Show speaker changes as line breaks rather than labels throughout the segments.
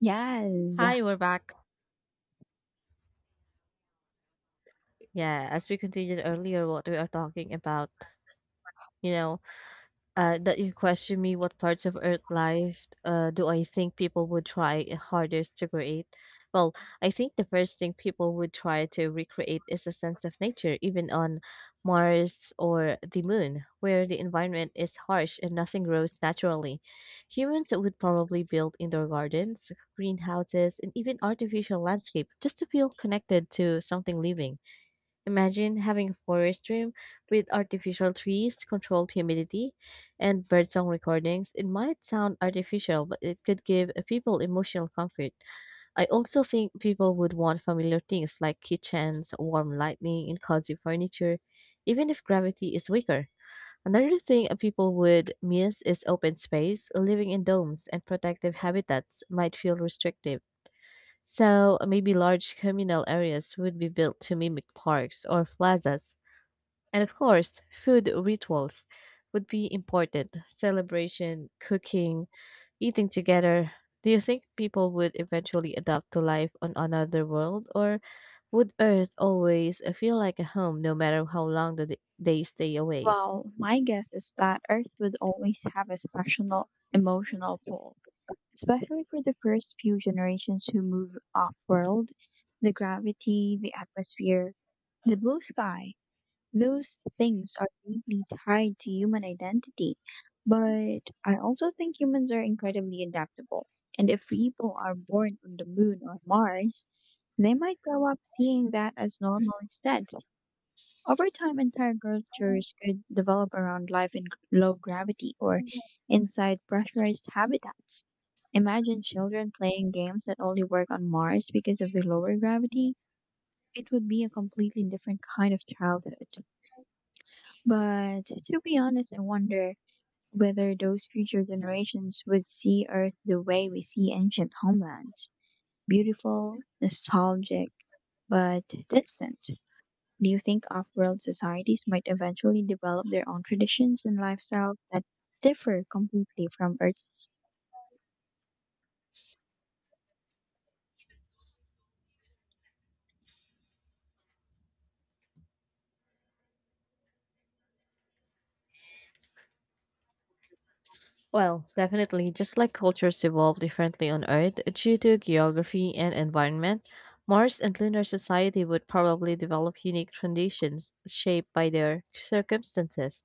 Yes.
Hi, we're back. Yeah, as we continued earlier, what we are talking about, you know, that you question me what parts of Earth life do I think people would try hardest to create? Well, I think the first thing people would try to recreate is a sense of nature, even on Mars or the moon, where the environment is harsh and nothing grows naturally. Humans would probably build indoor gardens, greenhouses, and even artificial landscape just to feel connected to something living. Imagine having a forest room with artificial trees, controlled humidity, and birdsong recordings. It might sound artificial, but it could give people emotional comfort. I also think people would want familiar things like kitchens, warm lighting, and cozy furniture, even if gravity is weaker. Another thing people would miss is open space. Living in domes and protective habitats might feel restrictive. So maybe large communal areas would be built to mimic parks or plazas, and of course, food rituals would be important: celebration, cooking, eating together. Do you think people would eventually adapt to life on another world, or would Earth always feel like a home no matter how long they stay away?
Well, my guess is that Earth would always have a special emotional pull, especially for the first few generations who move off world. The gravity, the atmosphere, the blue sky, those things are deeply tied to human identity. But I also think humans are incredibly adaptable. And if people are born on the moon or Mars, they might grow up seeing that as normal instead. Over time, entire cultures could develop around life in low gravity or inside pressurized habitats. Imagine children playing games that only work on Mars because of the lower gravity. It would be a completely different kind of childhood. But to be honest, I wonder whether those future generations would see Earth the way we see ancient homelands beautiful, nostalgic, but distant. Do you think off-world societies might eventually develop their own traditions and lifestyles that differ completely from Earth's?
Well, definitely, just like cultures evolve differently on Earth due to geography and environment, Mars and lunar society would probably develop unique traditions shaped by their circumstances.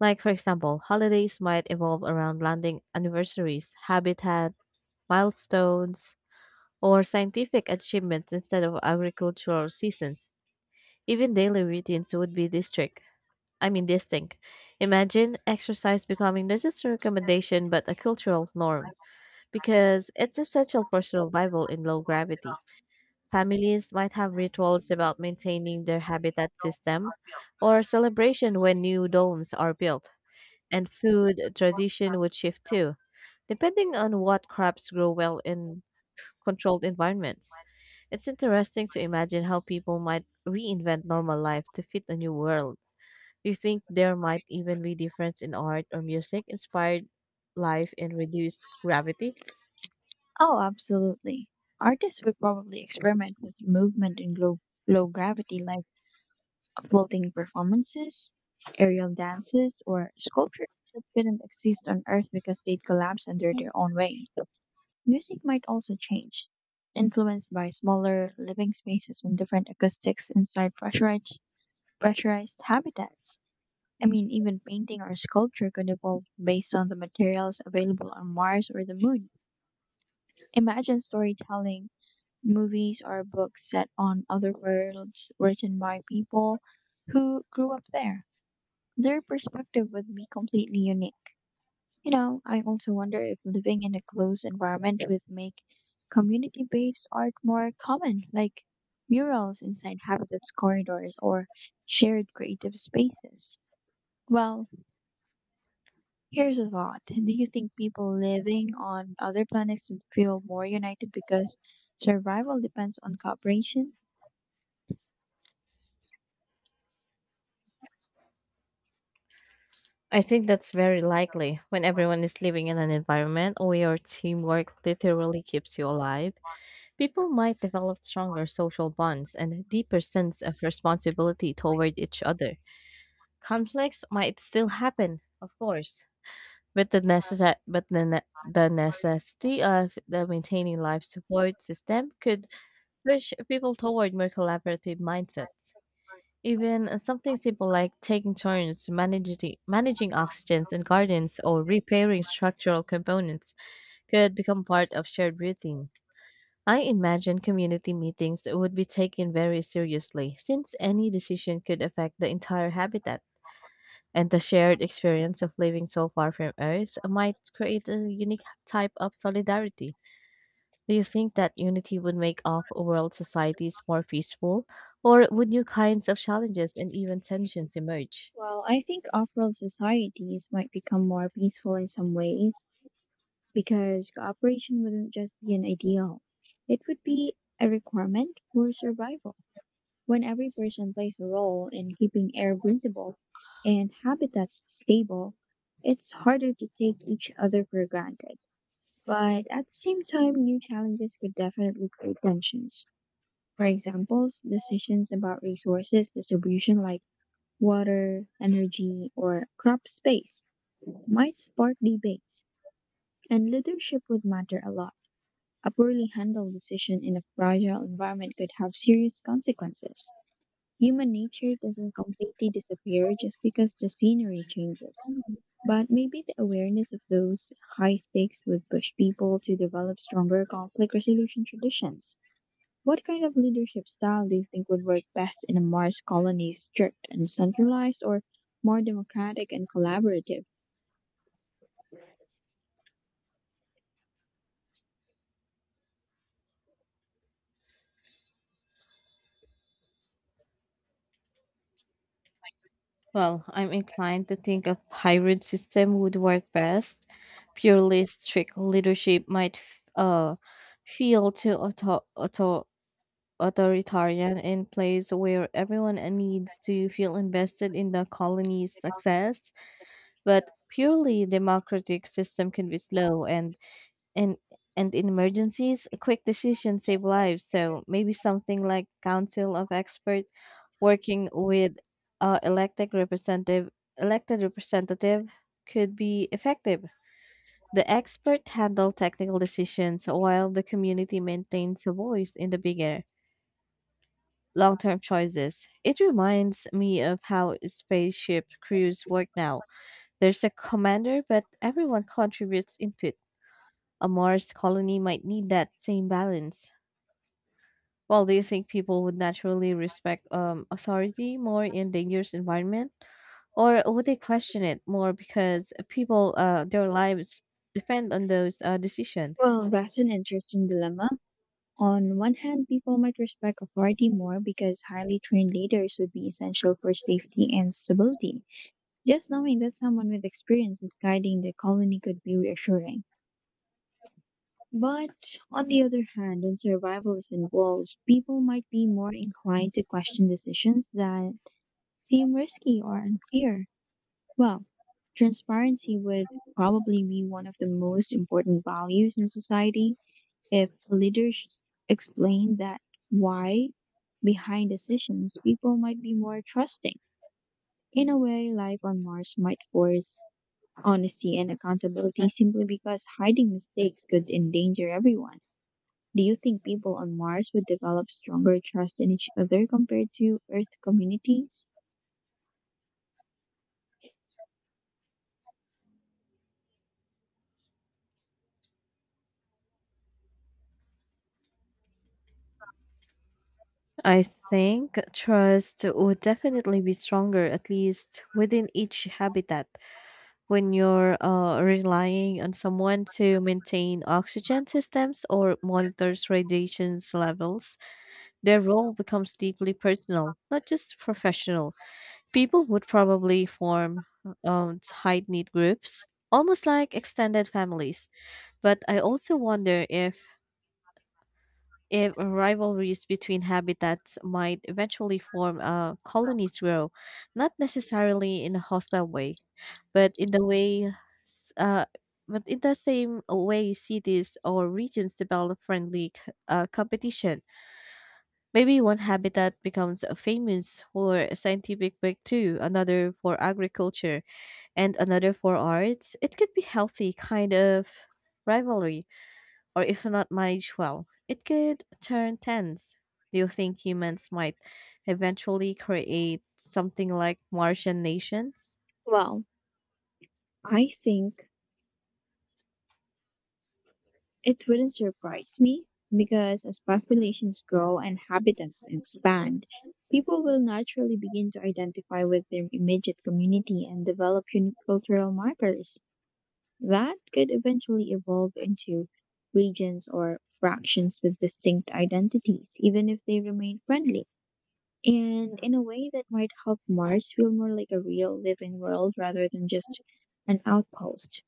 Like, for example, holidays might evolve around landing anniversaries, habitat, milestones, or scientific achievements instead of agricultural seasons. Even daily routines would be distinct. Imagine exercise becoming not just a recommendation but a cultural norm because it's essential for survival in low gravity. Families might have rituals about maintaining their habitat system or celebration when new domes are built, and food tradition would shift too, depending on what crops grow well in controlled environments. It's interesting to imagine how people might reinvent normal life to fit a new world. Do you think there might even be difference in art or music inspired life and reduced gravity?
Oh, absolutely. Artists would probably experiment with movement in low gravity, like floating performances, aerial dances, or sculptures that couldn't exist on Earth because they'd collapse under their own weight. Music might also change, influenced by smaller living spaces and different acoustics inside pressurized habitats. I mean, even painting or sculpture could evolve based on the materials available on Mars or the moon. Imagine storytelling, movies, or books set on other worlds written by people who grew up there. Their perspective would be completely unique. You know, I also wonder if living in a closed environment would make community based art more common, like murals inside habitats corridors or shared creative spaces. Well, here's a thought. Do you think people living on other planets would feel more united because survival depends on cooperation?
I think that's very likely. When everyone is living in an environment where teamwork literally keeps you alive, people might develop stronger social bonds and a deeper sense of responsibility toward each other. Conflicts might still happen, of course, but the necessity of the maintaining life support system could push people toward more collaborative mindsets. Even something simple like taking turns managing oxygens in gardens or repairing structural components could become part of shared routines. I imagine community meetings would be taken very seriously since any decision could affect the entire habitat, and the shared experience of living so far from Earth might create a unique type of solidarity. Do you think that unity would make off world societies more peaceful, or would new kinds of challenges and even tensions emerge?
Well, I think off world societies might become more peaceful in some ways because cooperation wouldn't just be an ideal, it would be a requirement for survival. When every person plays a role in keeping air breathable and habitats stable, it's harder to take each other for granted. But at the same time, new challenges would definitely create tensions. For examples, decisions about resources distribution like water, energy, or crop space might spark debates, and leadership would matter a lot. A poorly handled decision in a fragile environment could have serious consequences. Human nature doesn't completely disappear just because the scenery changes. But maybe the awareness of those high stakes would push people to develop stronger conflict resolution traditions. What kind of leadership style do you think would work best in a Mars colony, strict and centralized, or more democratic and collaborative?
Well, I'm inclined to think a hybrid system would work best. Purely strict leadership might feel too authoritarian in place where everyone needs to feel invested in the colony's success. But purely democratic system can be slow, and and in emergencies quick decisions save lives, so maybe something like council of expert working with uh, elected representative elected representative could be effective. The expert handle technical decisions while the community maintains a voice in the bigger long-term choices. It reminds me of how spaceship crews work now. There's a commander but everyone contributes input. A Mars colony might need that same balance. Well, do you think people would naturally respect authority more in dangerous environment, or would they question it more because people their lives depend on those decision?
Well, that's an interesting dilemma. On one hand, people might respect authority more because highly trained leaders would be essential for safety and stability. Just knowing that someone with experience is guiding the colony could be reassuring. But on the other hand, when survival is involved, people might be more inclined to question decisions that seem risky or unclear. Well, transparency would probably be one of the most important values in society if leaders explained that why behind decisions, people might be more trusting. In a way, life on Mars might force honesty and accountability simply because hiding mistakes could endanger everyone. Do you think people on Mars would develop stronger trust in each other compared to Earth communities?
I think trust would definitely be stronger, at least within each habitat, when you're relying on someone to maintain oxygen systems or monitors radiation levels. Their role becomes deeply personal, not just professional. People would probably form tight knit groups, almost like extended families. But I also wonder if rivalries between habitats might eventually form colonies grow, not necessarily in a hostile way, but in the way, s- uh, but in the same way cities or regions develop friendly competition. Maybe one habitat becomes famous for a scientific breakthrough, another for agriculture, and another for arts. It could be healthy kind of rivalry, or if not managed well, it could turn tense. Do you think humans might eventually create something like Martian nations?
Well, I think it wouldn't surprise me because as populations grow and habitats expand, people will naturally begin to identify with their immediate community and develop unique cultural markers that could eventually evolve into regions or fractions with distinct identities, even if they remain friendly. And in a way that might help Mars feel more like a real living world rather than just an outpost.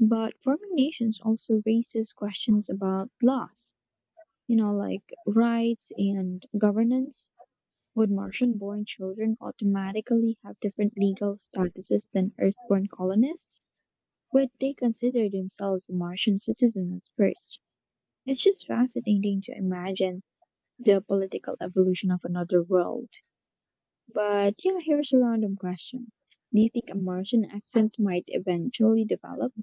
But forming nations also raises questions about laws, you know, like rights and governance. Would Martian born children automatically have different legal statuses than Earthborn colonists? Would they consider themselves Martian citizens first? It's just fascinating to imagine the political evolution of another world. But yeah, here's a random question. Do you think a Martian accent might eventually develop?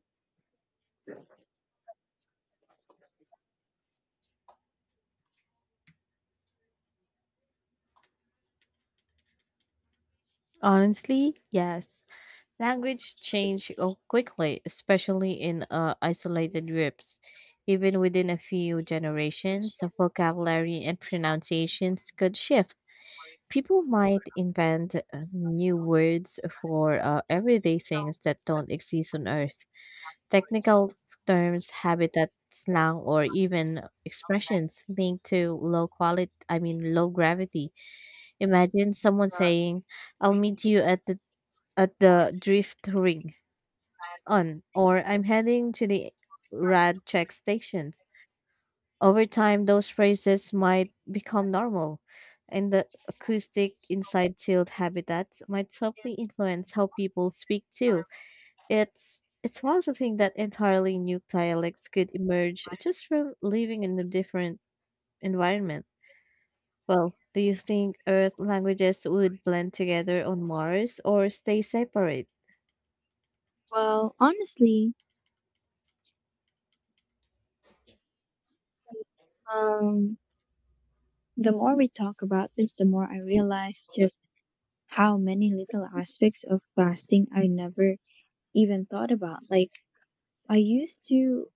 Honestly, yes. Language change quickly, especially in isolated groups. Even within a few generations, the vocabulary and pronunciations could shift. People might invent new words for everyday things that don't exist on Earth. Technical terms, habitat, slang, or even expressions linked to low gravity. Imagine someone saying, "I'll meet you at the drift ring on," or "I'm heading to the rad check station." Over time, those phrases might become normal, and the acoustic inside sealed habitats might subtly influence how people speak too. It's wild to think that entirely new dialects could emerge just from living in a different environment. Well, do you think Earth languages would blend together on Mars or stay separate?
Well, honestly, um, the more we talk about this, the more I realize just how many little aspects of fasting I never even thought about. Like, I used to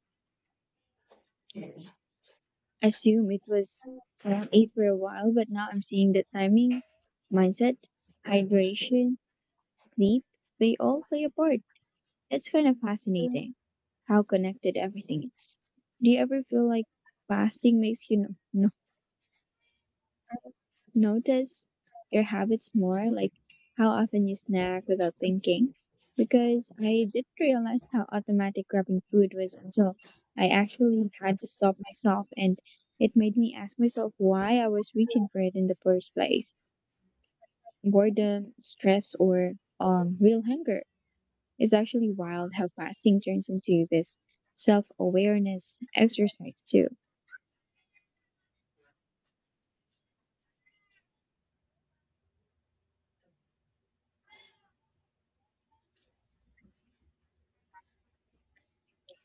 assume it was around eight for a while, but now I'm seeing that timing, mindset, hydration, sleep, they all play a part. It's kind of fascinating how connected everything is. Do you ever feel like fasting makes you notice your habits more, like how often you snack without thinking? Because I didn't realize how automatic grabbing food was until I actually had to stop myself, and it made me ask myself why I was reaching for it in the first place. Boredom, stress, or real hunger. It's actually wild how fasting turns into this self awareness exercise, too.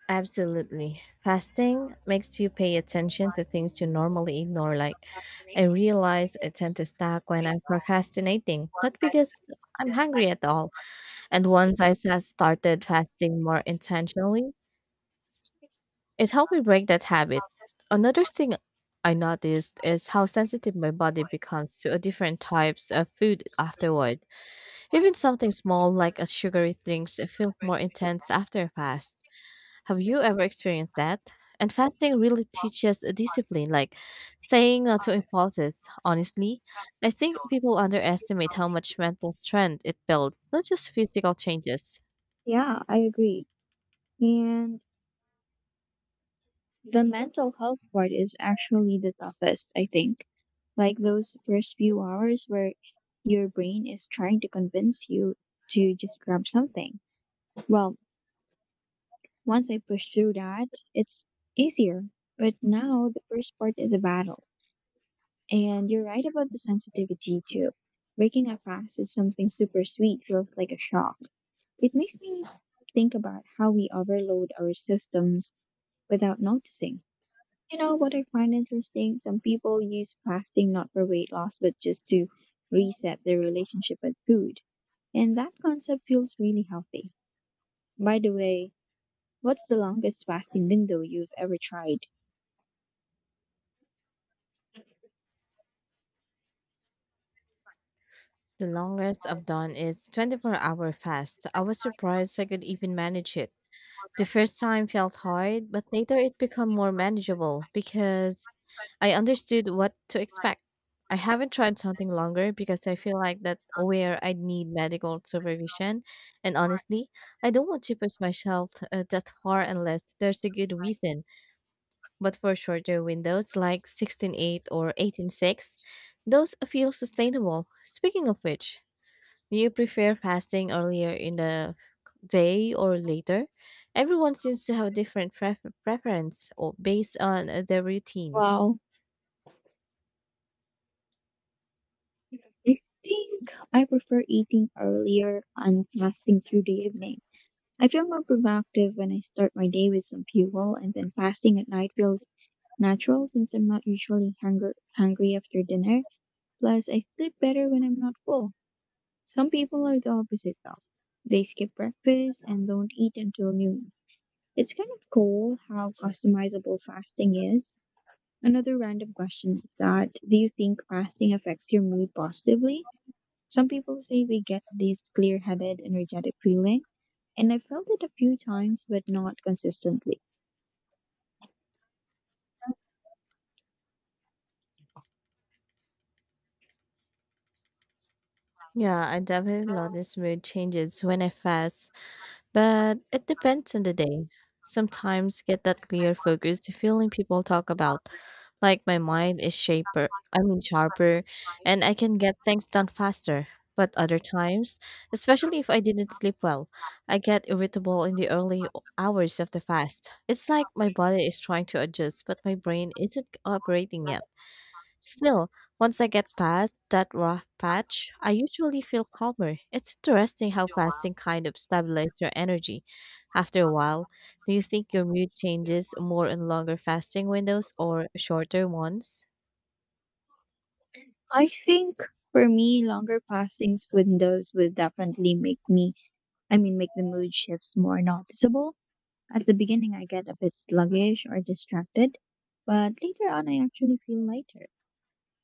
Absolutely. Fasting makes you pay attention to things you normally ignore. Like, I realize I tend to snack when I'm procrastinating, not because I'm hungry at all. And once started fasting more intentionally, it helped me break that habit. Another thing I noticed is how sensitive my body becomes to a different types of food afterward. Even something small like a sugary drinks feel more intense after a fast. Have you ever experienced that? And fasting really teaches a discipline, like saying no to impulses. Honestly, I think people underestimate how much mental strength it builds, not just physical changes.
Yeah, I agree. And the mental health part is actually the toughest, I think. Like those first few hours where your brain is trying to convince you to just grab something. Well, once I push through that, it's easier. But now the first part is a battle. And you're right about the sensitivity too. Waking up fast with something super sweet feels like a shock. It makes me think about how we overload our systems without noticing. You know what I find interesting? Some people use fasting not for weight loss, but just to reset their relationship with food. And that concept feels really healthy. By the way, what's the longest fasting window you've ever tried?
The longest I've done is 24-hour fast. I was surprised I could even manage it. The first time felt hard, but later it became more manageable because I understood what to expect. I haven't tried something longer because I feel like that where I need medical supervision. And honestly, I don't want to push myself that far unless there's a good reason. But for shorter windows like 16.8 or 18.6, those feel sustainable. Speaking of which, do you prefer fasting earlier in the day or later? Everyone seems to have different preference or based on their routine.
Wow, I think I prefer eating earlier and fasting through the evening. I feel more productive when I start my day with some fuel, and then fasting at night feels natural since I'm not usually hungry after dinner. Plus, I sleep better when I'm not full. Some people are the opposite though; they skip breakfast and don't eat until noon. It's kind of cool how customizable fasting is. Another random question is that do you think fasting affects your mood positively? Some people say they get this clear-headed, energetic feeling and I felt it a few times, but not consistently.
Yeah, I definitely notice mood changes when I fast, but it depends on the day. Sometimes get that clear focused feeling people talk about, like my mind is shaper, I mean sharper, and I can get things done faster. But other times, especially if I didn't sleep well, I get irritable in the early hours of the fast. It's like my body is trying to adjust, but my brain isn't cooperating yet. Still, once I get past that rough patch, I usually feel calmer. It's interesting how fasting kind of stabilizes your energy. After a while, do you think your mood changes more in longer fasting windows or shorter ones?
I think for me, longer passings windows would definitely make me, I mean, make the mood shifts more noticeable. At the beginning, I get a bit sluggish or distracted, but later on, I actually feel lighter.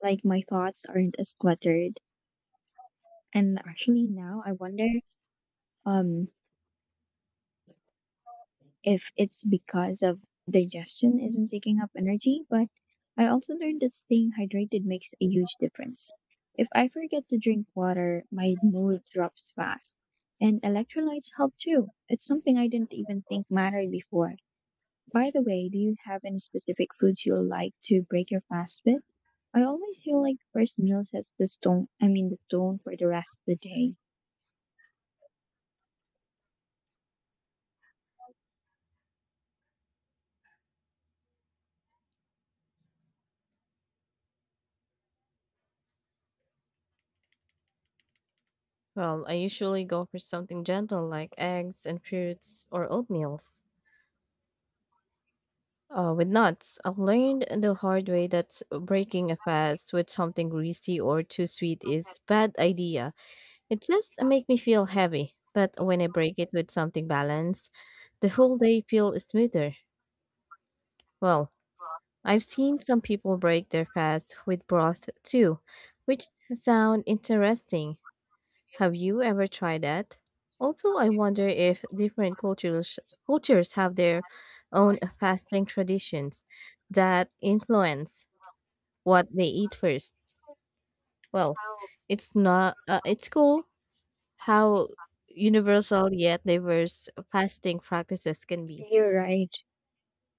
Like my thoughts aren't as cluttered, and actually now I wonder, um, if it's because of digestion isn't taking up energy, but I also learned that staying hydrated makes a huge difference. If I forget to drink water, my mood drops fast. And electrolytes help too. It's something I didn't even think mattered before. By the way, do you have any specific foods you like to break your fast with? I always feel like first meal sets the stone, I mean the tone for the rest of the day.
Well, I usually go for something gentle like eggs and fruits or oatmeals. With nuts, I've learned the hard way that breaking a fast with something greasy or too sweet is bad idea. It just make me feel heavy, but when I break it with something balanced, the whole day feel smoother. Well, I've seen some people break their fast with broth too, which sound interesting. Have you ever tried that? Also, I wonder if different cultures have their own fasting traditions that influence what they eat first. Well, it's not it's cool how universal yet diverse fasting practices can be.
You're right.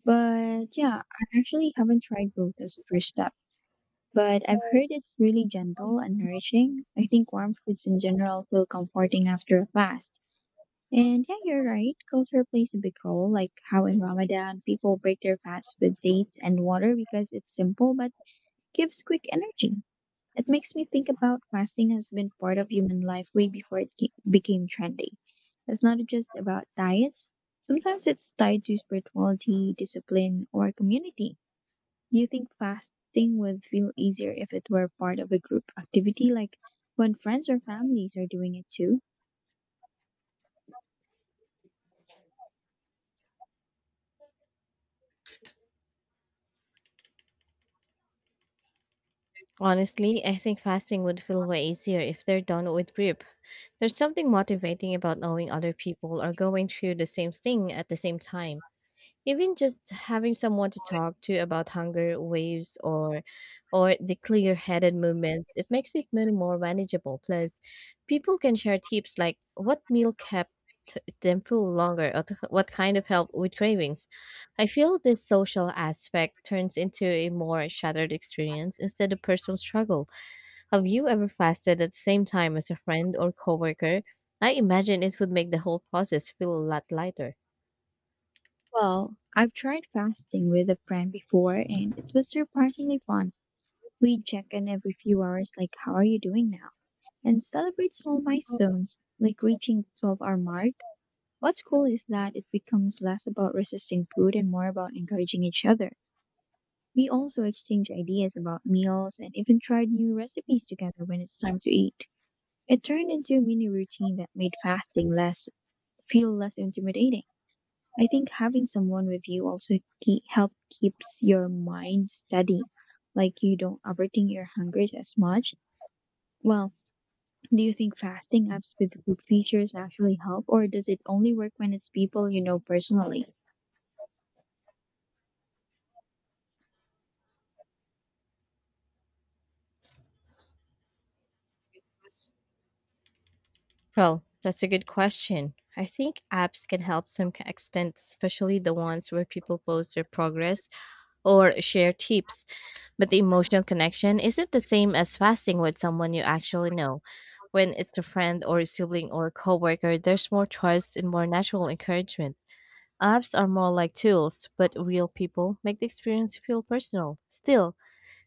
But yeah, I actually haven't tried both as a first step. But I've heard it's really gentle and nourishing. I think warm foods in general feel comforting after a fast. And yeah, you're right. Culture plays a big role, like how in Ramadan people break their fast with dates and water because it's simple but gives quick energy. It makes me think about fasting has been part of human life way before it became trendy. It's not just about diets. Sometimes it's tied to spirituality, discipline, or community. Do you think fasting would feel easier if it were part of a group activity, like when friends or families are doing it too?
Honestly, I think fasting would feel way easier if they're done with grip. There's something motivating about knowing other people are going through the same thing at the same time. Even just having someone to talk to about hunger waves or the clear-headed movements, it makes it meal more manageable. Plus, people can share tips like what meal kept them full longer or what kind of help with cravings. I feel this social aspect turns into a more shattered experience instead of personal struggle. Have you ever fasted at the same time as a friend or coworker? I imagine it would make the whole process feel a lot lighter.
Well, I've tried fasting with a friend before and it was surprisingly fun. We check in every few hours, like, how are you doing now? And celebrate small milestones, like reaching the 12-hour mark. What's cool is that it becomes less about resisting food and more about encouraging each other. We also exchange ideas about meals and even tried new recipes together when it's time to eat. It turned into a mini routine that made fasting less feel less intimidating. I think having someone with you also help keeps your mind steady, like you don't overthink your hunger as much. Well, do you think fasting apps with food features actually help, or does it only work when it's people you know personally?
Well, that's a good question. I think apps can help some extent, especially the ones where people post their progress or share tips. But the emotional connection isn't the same as fasting with someone you actually know. When it's a friend or a sibling or a coworker, there's more trust and more natural encouragement. Apps are more like tools, but real people make the experience feel personal. Still,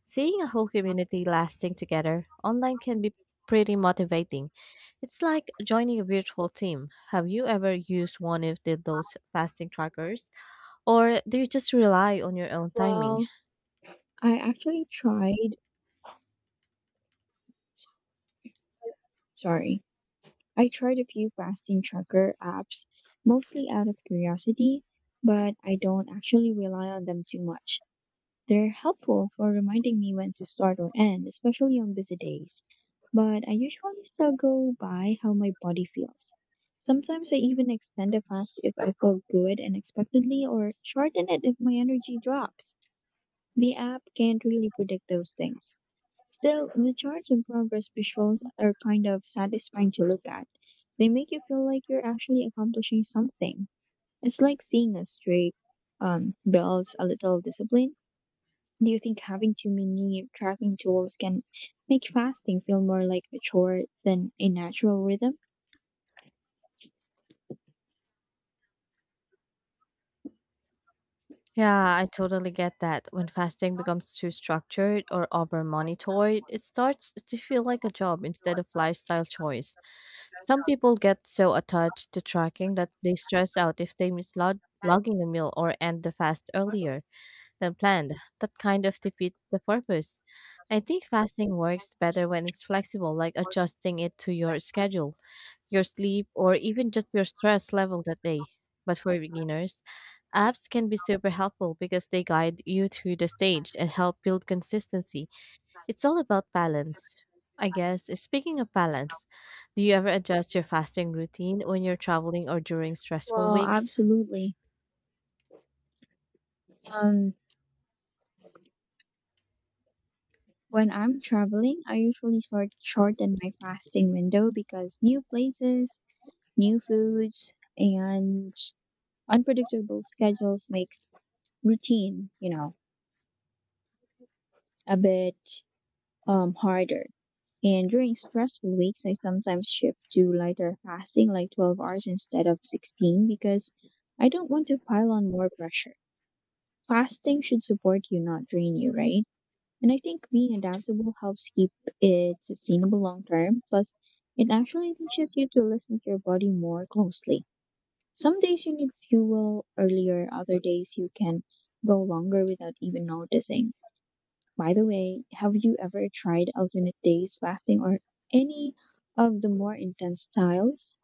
seeing a whole community lasting together online can be pretty motivating. It's like joining a virtual team. Have you ever used those fasting trackers? Or do you just rely on your own timing?
Well, I actually tried. Sorry, I tried a few fasting tracker apps, mostly out of curiosity, but I don't actually rely on them too much. They're helpful for reminding me when to start or end, especially on busy days. But I usually still go by how my body feels. Sometimes I even extend a fast if I feel good unexpectedly or shorten it if my energy drops. The app can't really predict those things. Still, the charts and progress visuals are kind of satisfying to look at. They make you feel like you're actually accomplishing something. It's like seeing a streak builds a little discipline. Do you think having too many tracking tools can make fasting feel more like a chore than a natural rhythm?
Yeah, I totally get that. When fasting becomes too structured or over monitored, it starts to feel like a job instead of lifestyle choice. Some people get so attached to tracking that they stress out if they miss logging a meal or end the fast earlier than planned. That kind of defeats the purpose. I think fasting works better when it's flexible, like adjusting it to your schedule, your sleep, or even just your stress level that day. But for beginners, apps can be super helpful because they guide you through the stage and help build consistency. It's all about balance. I guess, speaking of balance, do you ever adjust your fasting routine when you're traveling or during stressful
Well,
weeks?
absolutely. Um, when I'm traveling, I usually sort shorten my fasting window because new places, new foods, and unpredictable schedules makes routine, a bit harder. And during stressful weeks, I sometimes shift to lighter fasting, like 12 hours instead of 16, because I don't want to pile on more pressure. Fasting should support you, not drain you, right? And I think being adaptable helps keep it sustainable long term. Plus, it actually teaches you to listen to your body more closely. Some days you need fuel earlier, other days you can go longer without even noticing. By the way, have you ever tried alternate days fasting or any of the more intense styles?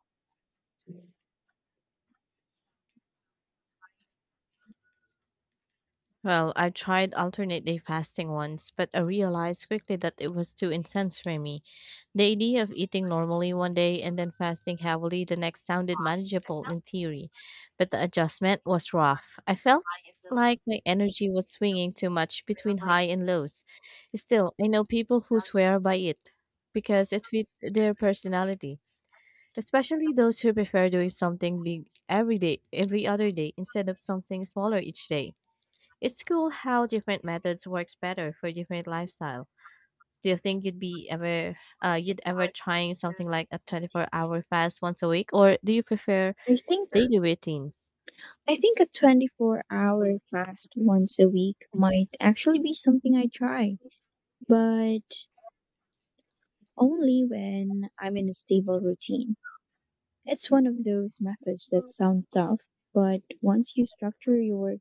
Well, I tried alternate day fasting once, but I realized quickly that it was too intense for me. The idea of eating normally one day and then fasting heavily the next sounded manageable in theory, but the adjustment was rough. I felt like my energy was swinging too much between high and lows. Still, I know people who swear by it because it fits their personality, especially those who prefer doing something big every day, every other day, instead of something smaller each day. It's cool how different methods works better for different lifestyle. Do you think you'd ever trying something like a 24-hour fast once a week or do you prefer
I think
daily routines?
I think a 24-hour fast once a week might actually be something I try, but only when I'm in a stable routine. It's one of those methods that sound tough, but once you structure your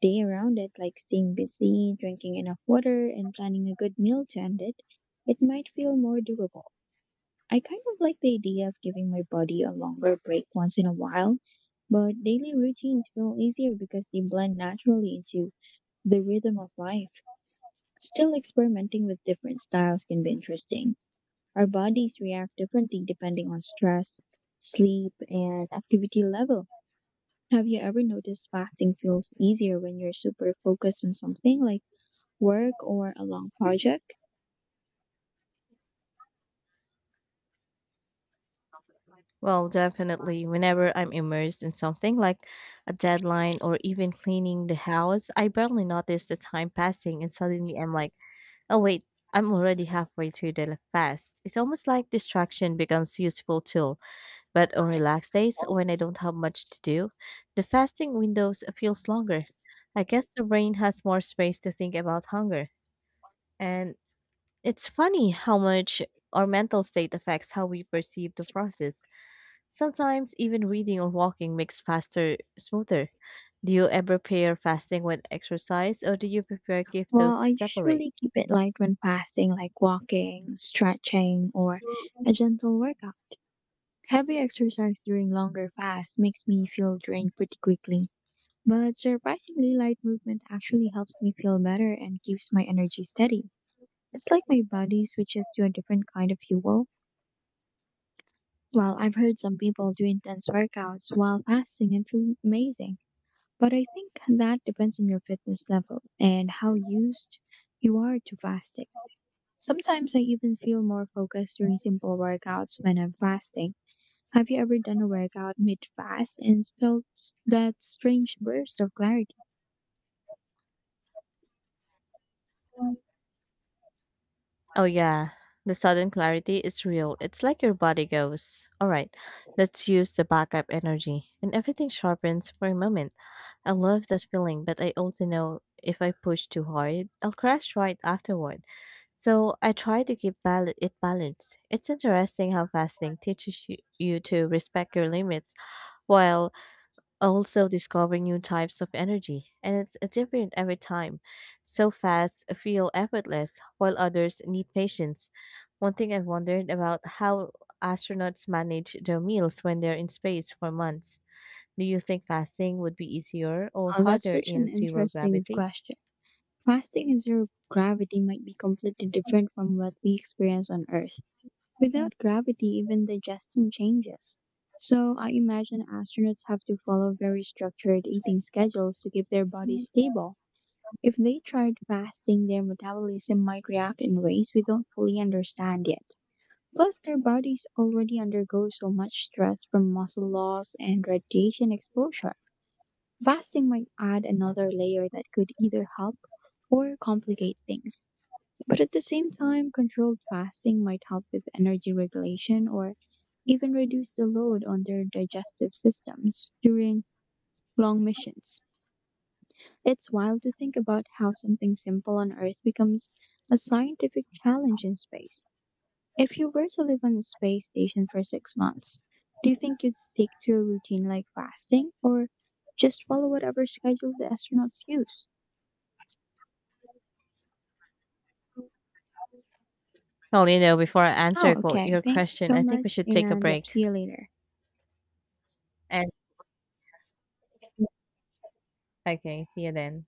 day around it, like staying busy, drinking enough water, and planning a good meal to end it, it might feel more doable. I kind of like the idea of giving my body a longer break once in a while, but daily routines feel easier because they blend naturally into the rhythm of life. Still, experimenting with different styles can be interesting. Our bodies react differently depending on stress, sleep, and activity level. Have you ever noticed fasting feels easier when you're super focused on something like work or a long project?
Well, definitely. Whenever I'm immersed in something like a deadline or even cleaning the house, I barely notice the time passing and suddenly I'm like, "Oh wait, I'm already halfway through the fast." It's almost like distraction becomes useful tool. But on relaxed days, when I don't have much to do, the fasting windows feels longer. I guess the brain has more space to think about hunger. And it's funny how much our mental state affects how we perceive the process. Sometimes even reading or walking makes faster smoother. Do you ever pair fasting with exercise or do you prefer keep
Well,
those
I
separate?
usually keep it light when fasting, like walking, stretching, or a gentle workout. Heavy exercise during longer fasts makes me feel drained pretty quickly. But surprisingly, light movement actually helps me feel better and keeps my energy steady. It's like my body switches to a different kind of fuel. Well, I've heard some people do intense workouts while fasting and feel amazing. But I think that depends on your fitness level and how used you are to fasting. Sometimes I even feel more focused during simple workouts when I'm fasting. Have you ever done a workout mid-fast and felt that strange burst of clarity?
Oh, yeah. The sudden clarity is real. It's like your body goes, "All right, let's use the backup energy." And everything sharpens for a moment. I love that feeling, but I also know if I push too hard, I'll crash right afterward. So I try to keep it balanced. It's interesting how fasting teaches you to respect your limits while also discover new types of energy, and it's different every time. So fast feel effortless, while others need patience. One thing I've wondered about how astronauts manage their meals when they're in space for months. Do you think fasting would be easier or
That's
harder
such an
in zero
interesting
gravity?
question. Fasting in zero gravity might be completely different from what we experience on Earth. Without gravity, even digestion changes. So I imagine astronauts have to follow very structured eating schedules to keep their bodies stable. If they tried fasting, their metabolism might react in ways we don't fully understand yet. Plus, their bodies already undergo so much stress from muscle loss and radiation exposure. Fasting might add another layer that could either help or complicate things. But at the same time, controlled fasting might help with energy regulation or even reduce the load on their digestive systems during long missions. It's wild to think about how something simple on Earth becomes a scientific challenge in space. If you were to live on a space station for 6 months, do you think you'd stick to a routine like fasting or just follow whatever schedule the astronauts use?
Well, you know, before I
Oh,
answer
okay.
your
Thank you
question,
so
I think we
much,
should take a
and yep,
break.
see you later.
And okay, see you then.